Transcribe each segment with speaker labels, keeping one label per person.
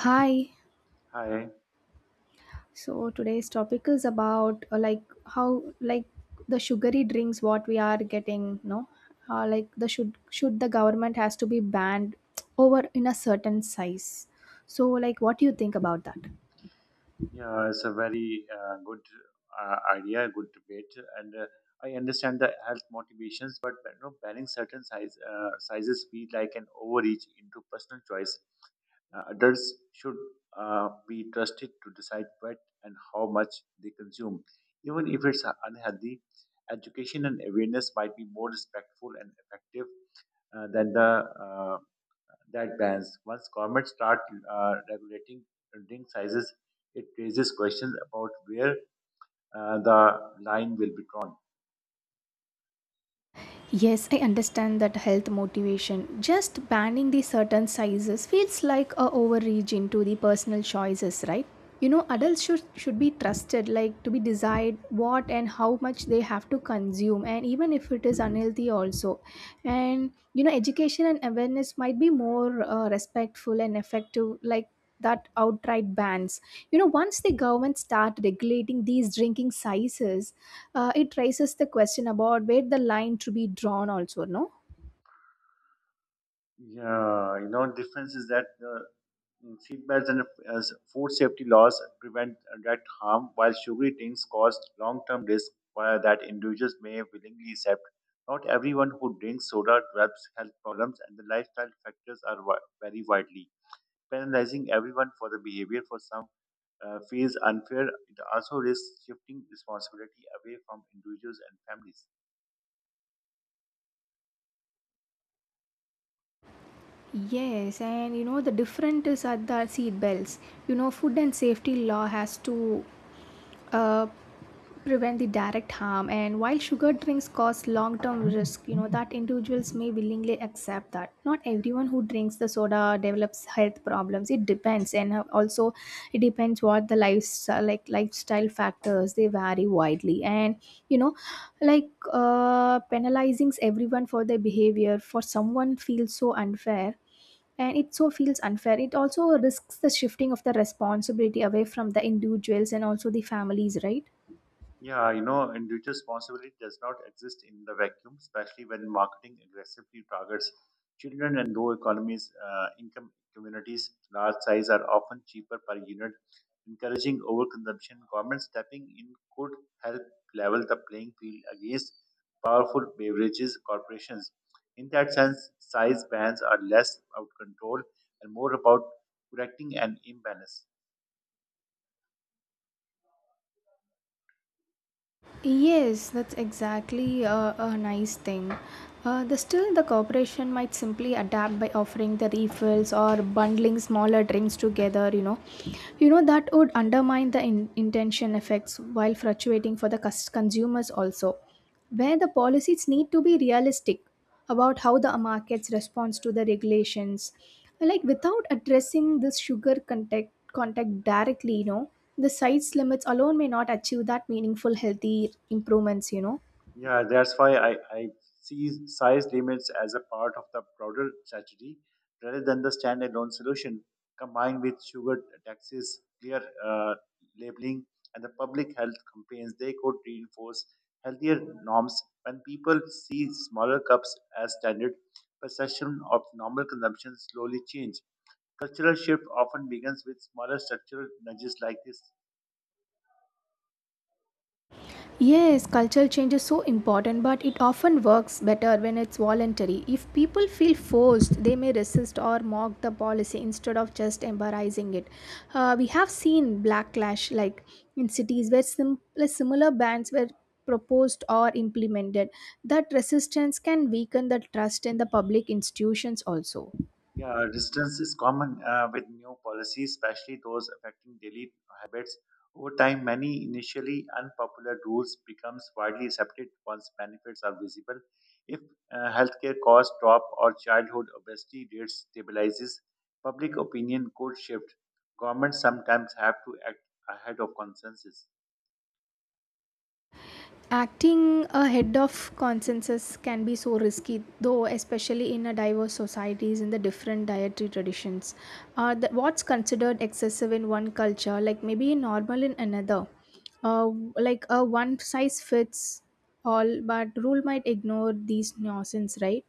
Speaker 1: Hi.
Speaker 2: Hi.
Speaker 1: So today's topic is about like how, like, the sugary drinks what we are getting, no? Like the should the government has to be banned over in a certain size. So, like, what do you think about that?
Speaker 2: Yeah, it's a very good idea, good debate, and I understand the health motivations, but you know, banning certain sizes feel like an overreach into personal choice. Adults should be trusted to decide what and how much they consume, even if it's unhealthy. Education and awareness might be more respectful and effective than the that bans. Once governments start regulating drink sizes, it raises questions about where the line will be drawn.
Speaker 1: Yes, I understand that health motivation. Just banning the certain sizes feels like a overreach into the personal choices, right? You know, adults should be trusted, like to be decide what and how much they have to consume, and even if it is unhealthy, also. And, you know, education and awareness might be more respectful and effective, like that outright bans, you know, once the government start regulating these drinking sizes. It raises the question about where the line to be drawn, also, no?
Speaker 2: Yeah, you know, difference is that seat belts and food safety laws prevent direct harm, while sugary drinks cause long-term risk that individuals may willingly accept. Not everyone who drinks soda develops health problems, and the lifestyle factors are vary widely. Penalizing everyone for the behavior for some feels unfair, it also risks shifting responsibility away from individuals and families.
Speaker 1: Yes, and you know the different is at the seat belts. You know, food and safety law has to uh, prevent the direct harm, and while sugar drinks cause long-term risk, you know that individuals may willingly accept that. Not everyone who drinks the soda develops health problems. It depends, and also it depends what the lifestyle, like lifestyle factors, they vary widely. And, you know, like, penalizing everyone for their behavior for someone feels so unfair, and it so feels unfair. It also risks the shifting of the responsibility away from the individuals and also the families, right?
Speaker 2: Yeah, you know, individual responsibility does not exist in the vacuum, especially when marketing aggressively targets children and low economies, income communities. Large size are often cheaper per unit, encouraging overconsumption. Government stepping in could help level the playing field against powerful beverages corporations. In that sense, size bans are less about control and more about correcting an imbalance.
Speaker 1: Yes, that's exactly a nice thing. The still the corporation might simply adapt by offering the refills or bundling smaller drinks together. You know that would undermine the intention effects while fluctuating for the consumers also. Where the policies need to be realistic about how the markets responds to the regulations, like without addressing this sugar contact directly, you know, the size limits alone may not achieve that meaningful healthy improvements, you know.
Speaker 2: Yeah, that's why I see size limits as a part of the broader strategy rather than the standalone solution combined with sugar taxes, clear labeling, and the public health campaigns. They could reinforce healthier norms when people see smaller cups as standard. Perception of normal consumption slowly change. Cultural shift often begins with smaller structural nudges like this.
Speaker 1: Yes, cultural change is so important, but it often works better when it's voluntary. If people feel forced, they may resist or mock the policy instead of just embracing it. We have seen backlash, like in cities where like, similar bans were proposed or implemented. That resistance can weaken the trust in the public institutions also.
Speaker 2: Yeah, resistance is common with new policies, especially those affecting daily habits. Over time, many initially unpopular rules becomes widely accepted once benefits are visible. If healthcare costs drop or childhood obesity rates stabilizes, public opinion could shift. Governments sometimes have to act ahead of consensus.
Speaker 1: Acting ahead of consensus can be so risky though, especially in a diverse societies in the different dietary traditions. What's considered excessive in one culture, like, maybe normal in another. Uh, like a one size fits all but rule might ignore these nuances, right?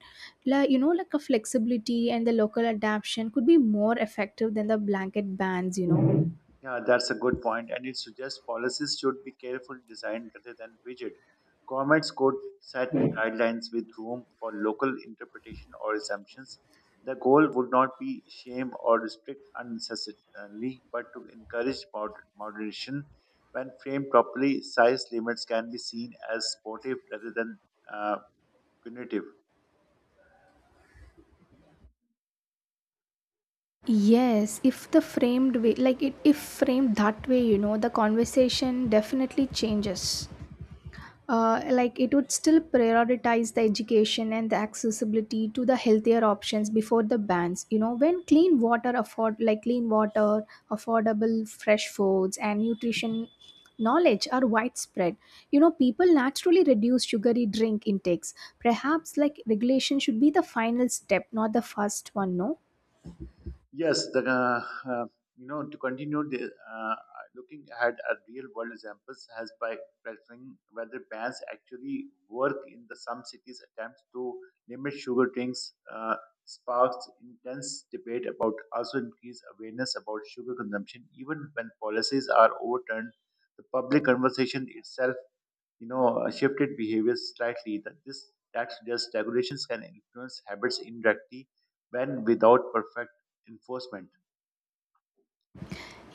Speaker 1: Like, you know, like a flexibility and the local adaptation could be more effective than the blanket bans, you know.
Speaker 2: Yeah, that's a good point, and it suggests policies should be carefully designed rather than rigid. Governments could set guidelines with room for local interpretation or assumptions. The goal would not be shame or restrict unnecessarily, but to encourage moderation. When framed properly, size limits can be seen as supportive rather than uh, punitive.
Speaker 1: Yes, if the framed way, like it, if framed that way, you know, the conversation definitely changes. Like, it would still prioritize the education and the accessibility to the healthier options before the bans. You know, when clean water afford, like clean water, affordable fresh foods, and nutrition knowledge are widespread, you know, people naturally reduce sugary drink intakes. Perhaps, like, regulation should be the final step, not the first one, no?
Speaker 2: Yes, the, you know, to continue the, looking ahead at real world examples has by practicing whether bans actually work in the some cities attempts to limit sugar drinks sparks intense debate about also increase awareness about sugar consumption. Even when policies are overturned, the public conversation itself, shifted behaviors slightly. That this that suggests regulations can influence habits indirectly when without perfect enforcement.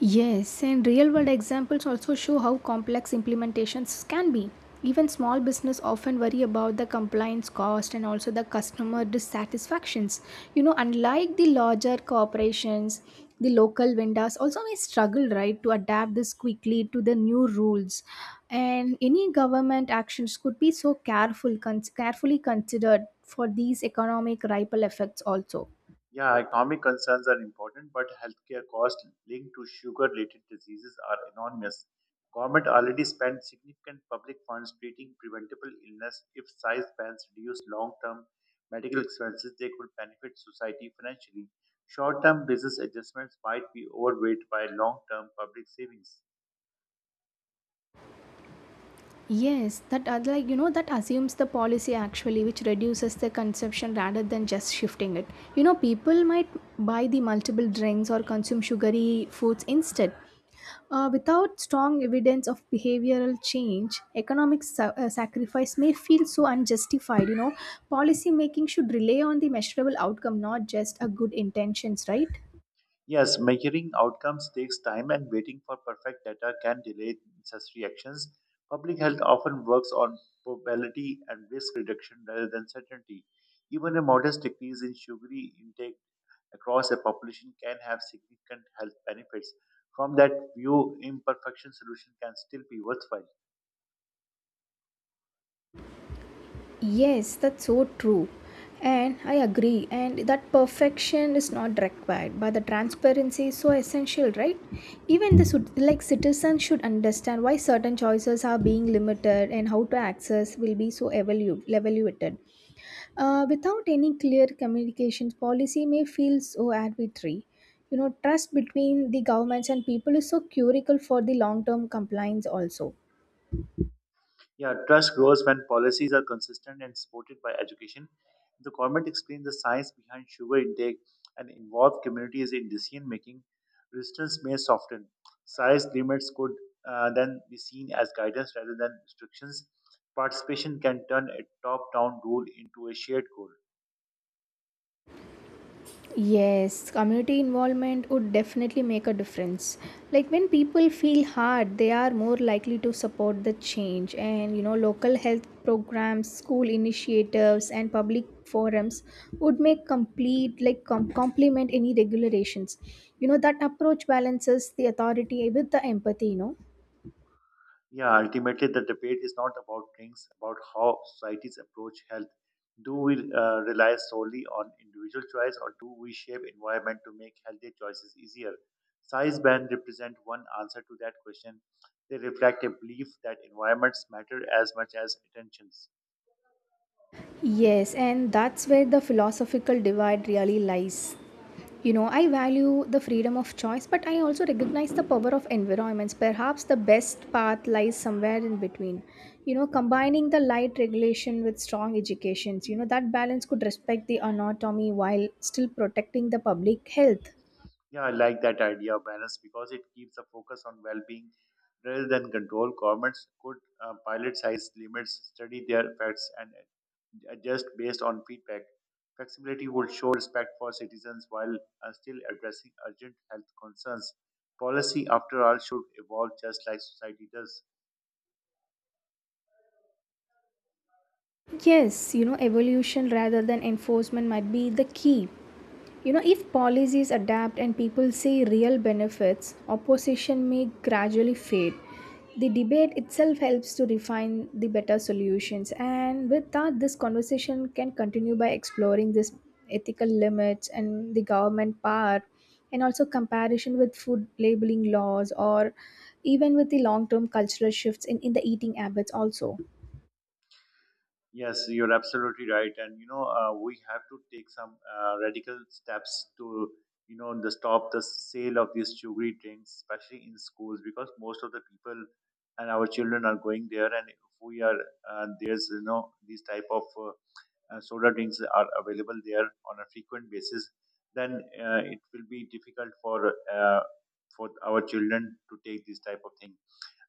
Speaker 1: Yes, and real world examples also show how complex implementations can be. Even small business often worry about the compliance cost and also the customer dissatisfactions. You know, unlike the larger corporations, the local vendors also may struggle, right, to adapt this quickly to the new rules. And any government actions could be so careful, carefully considered for these economic ripple effects also.
Speaker 2: Yeah, economic concerns are important, but healthcare costs linked to sugar-related diseases are enormous. Government already spent significant public funds treating preventable illness. If size bans reduce long-term medical expenses, they could benefit society financially. Short-term business adjustments might be overweight by long-term public savings.
Speaker 1: Yes, that like, you know, that assumes the policy actually which reduces the consumption rather than just shifting it. You know, people might buy the multiple drinks or consume sugary foods instead. Without strong evidence of behavioral change, economic sacrifice may feel so unjustified. You know, policy making should rely on the measurable outcome, not just a good intentions, right?
Speaker 2: Yes, measuring outcomes takes time and waiting for perfect data can delay necessary actions. Public health often works on probability and risk reduction rather than certainty. Even a modest decrease in sugary intake across a population can have significant health benefits. From that view, imperfection solution can still be worthwhile.
Speaker 1: Yes, that's so true. And I agree. And that perfection is not required, but the transparency is so essential, right? Even the like citizens should understand why certain choices are being limited and how to access will be so evaluated. Without any clear communications, policy may feel so arbitrary. You know, trust between the governments and people is so critical for the long-term compliance also.
Speaker 2: Yeah, trust grows when policies are consistent and supported by education. The government explains the science behind sugar intake and involves communities in decision making. Resistance may soften. Size limits could then be seen as guidance rather than restrictions. Participation can turn a top down rule into a shared goal.
Speaker 1: Yes, community involvement would definitely make a difference. Like when people feel hard, they are more likely to support the change. And, you know, local health programs, school initiatives, and public forums would make complete, like complement any regulations. You know, that approach balances the authority with the empathy, you know.
Speaker 2: Yeah, ultimately, the debate is not about drinks, about how societies approach health. Do we rely solely on individual choice, or do we shape environment to make healthier choices easier? Size band represent one answer to that question. They reflect a belief that environments matter as much as intentions.
Speaker 1: Yes, and that's where the philosophical divide really lies. You know, I value the freedom of choice, but I also recognize the power of environments. Perhaps the best path lies somewhere in between. You know, combining the light regulation with strong educations, you know, that balance could respect the anatomy while still protecting the public health.
Speaker 2: Yeah, I like that idea of balance because it keeps a focus on well-being rather than control. Governments could pilot size limits, study their effects, and adjust based on feedback. Flexibility would show respect for citizens while still addressing urgent health concerns. Policy, after all, should evolve just like society does.
Speaker 1: Yes, you know, evolution rather than enforcement might be the key. You know, if policies adapt and people see real benefits, opposition may gradually fade. The debate itself helps to refine the better solutions, and with that, this conversation can continue by exploring this ethical limits and the government power, and also comparison with food labeling laws or even with the long term cultural shifts in the eating habits, also.
Speaker 2: Yes, you're absolutely right, and you know we have to take some radical steps to you know the stop the sale of these sugary drinks, especially in schools, because most of the people and our children are going there, and if we are there's you know these type of soda drinks are available there on a frequent basis, then it will be difficult for our children to take these type of things.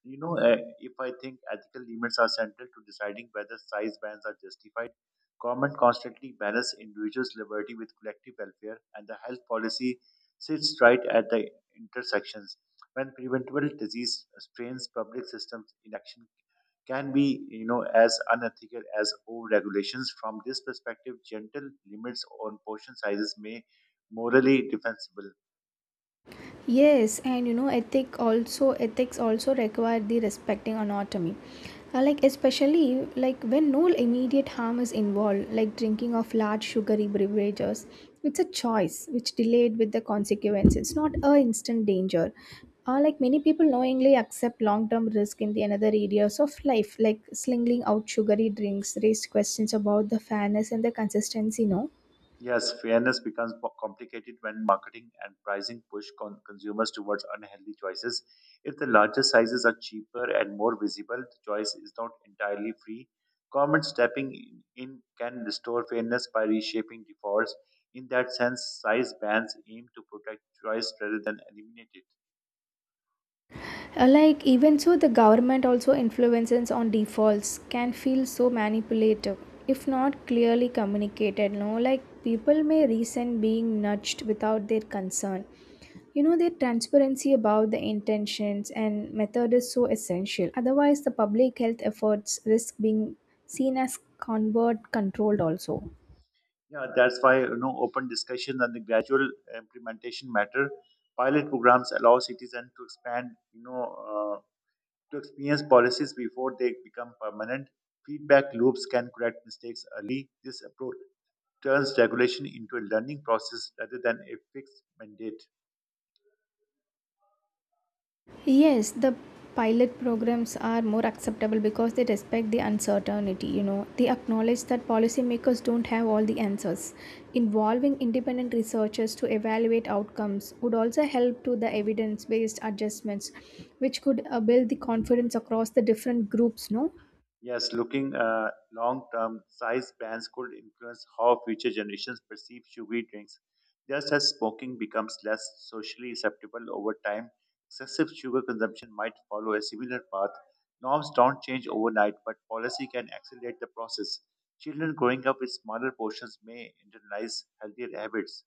Speaker 2: You know, if I think ethical limits are central to deciding whether size bans are justified, government constantly balance individuals' liberty with collective welfare, and the health policy sits right at the intersections. When preventable disease strains public systems, inaction can be, you know, as unethical as over-regulations. From this perspective, gentle limits on portion sizes may morally defensible.
Speaker 1: Yes, and, you know, ethic also ethics also require the respecting autonomy. Like, especially, like, when no immediate harm is involved, like drinking of large sugary beverages, it's a choice which delayed with the consequence. It's not a instant danger. Like, many people knowingly accept long-term risk in the another areas of life, like slinging out sugary drinks, raised questions about the fairness and the consistency. No,
Speaker 2: Yes, fairness becomes complicated when marketing and pricing push consumers towards unhealthy choices. If the larger sizes are cheaper and more visible, the choice is not entirely free. Government stepping in can restore fairness by reshaping defaults. In that sense, size bans aim to protect choice rather than eliminate it.
Speaker 1: like even so the government also influences on defaults can feel so manipulative if not clearly communicated, no? Like, people may resent being nudged without their concern, you know, their transparency about the intentions and method is so essential. Otherwise, the public health efforts risk being seen as convert controlled also.
Speaker 2: Yeah, that's why you know open discussion and the gradual implementation matter. Pilot programs allow citizens to expand, to experience policies before they become permanent. Feedback loops can correct mistakes early. This approach turns regulation into a learning process rather than a fixed mandate.
Speaker 1: Yes, the pilot programs are more acceptable because they respect the uncertainty, you know. They acknowledge that policymakers don't have all the answers. Involving independent researchers to evaluate outcomes would also help to the evidence based adjustments, which could build the confidence across the different groups, no?
Speaker 2: Yes, looking long term, size bans could influence how future generations perceive sugary drinks. Just as smoking becomes less socially acceptable over time, excessive sugar consumption might follow a similar path. Norms don't change overnight, but policy can accelerate the process. Children growing up with smaller portions may internalize healthier habits.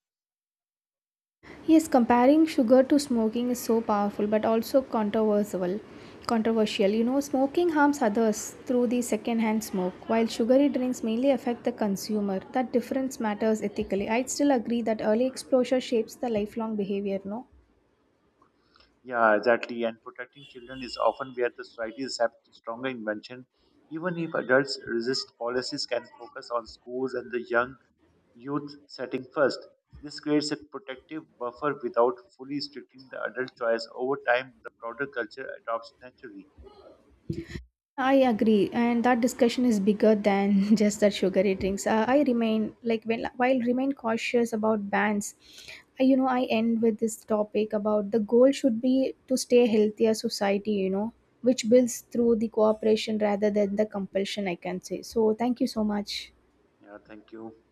Speaker 1: Yes, comparing sugar to smoking is so powerful but also controversial. Controversial, you know, smoking harms others through the secondhand smoke, while sugary drinks mainly affect the consumer. That difference matters ethically. I'd still agree that early exposure shapes the lifelong behavior, no?
Speaker 2: Yeah, exactly. And protecting children is often where the societies have stronger invention. Even if adults resist, policies can focus on schools and the young youth setting first. This creates a protective buffer without fully restricting the adult choice. Over time, the broader culture adopts naturally.
Speaker 1: I agree, and that discussion is bigger than just that sugary drinks. I remain, like, when while remain cautious about bans. I, you know, I end with this topic about the goal should be to stay healthier society. You know, which builds through the cooperation rather than the compulsion. I can say so. Thank you so much.
Speaker 2: Yeah, thank you.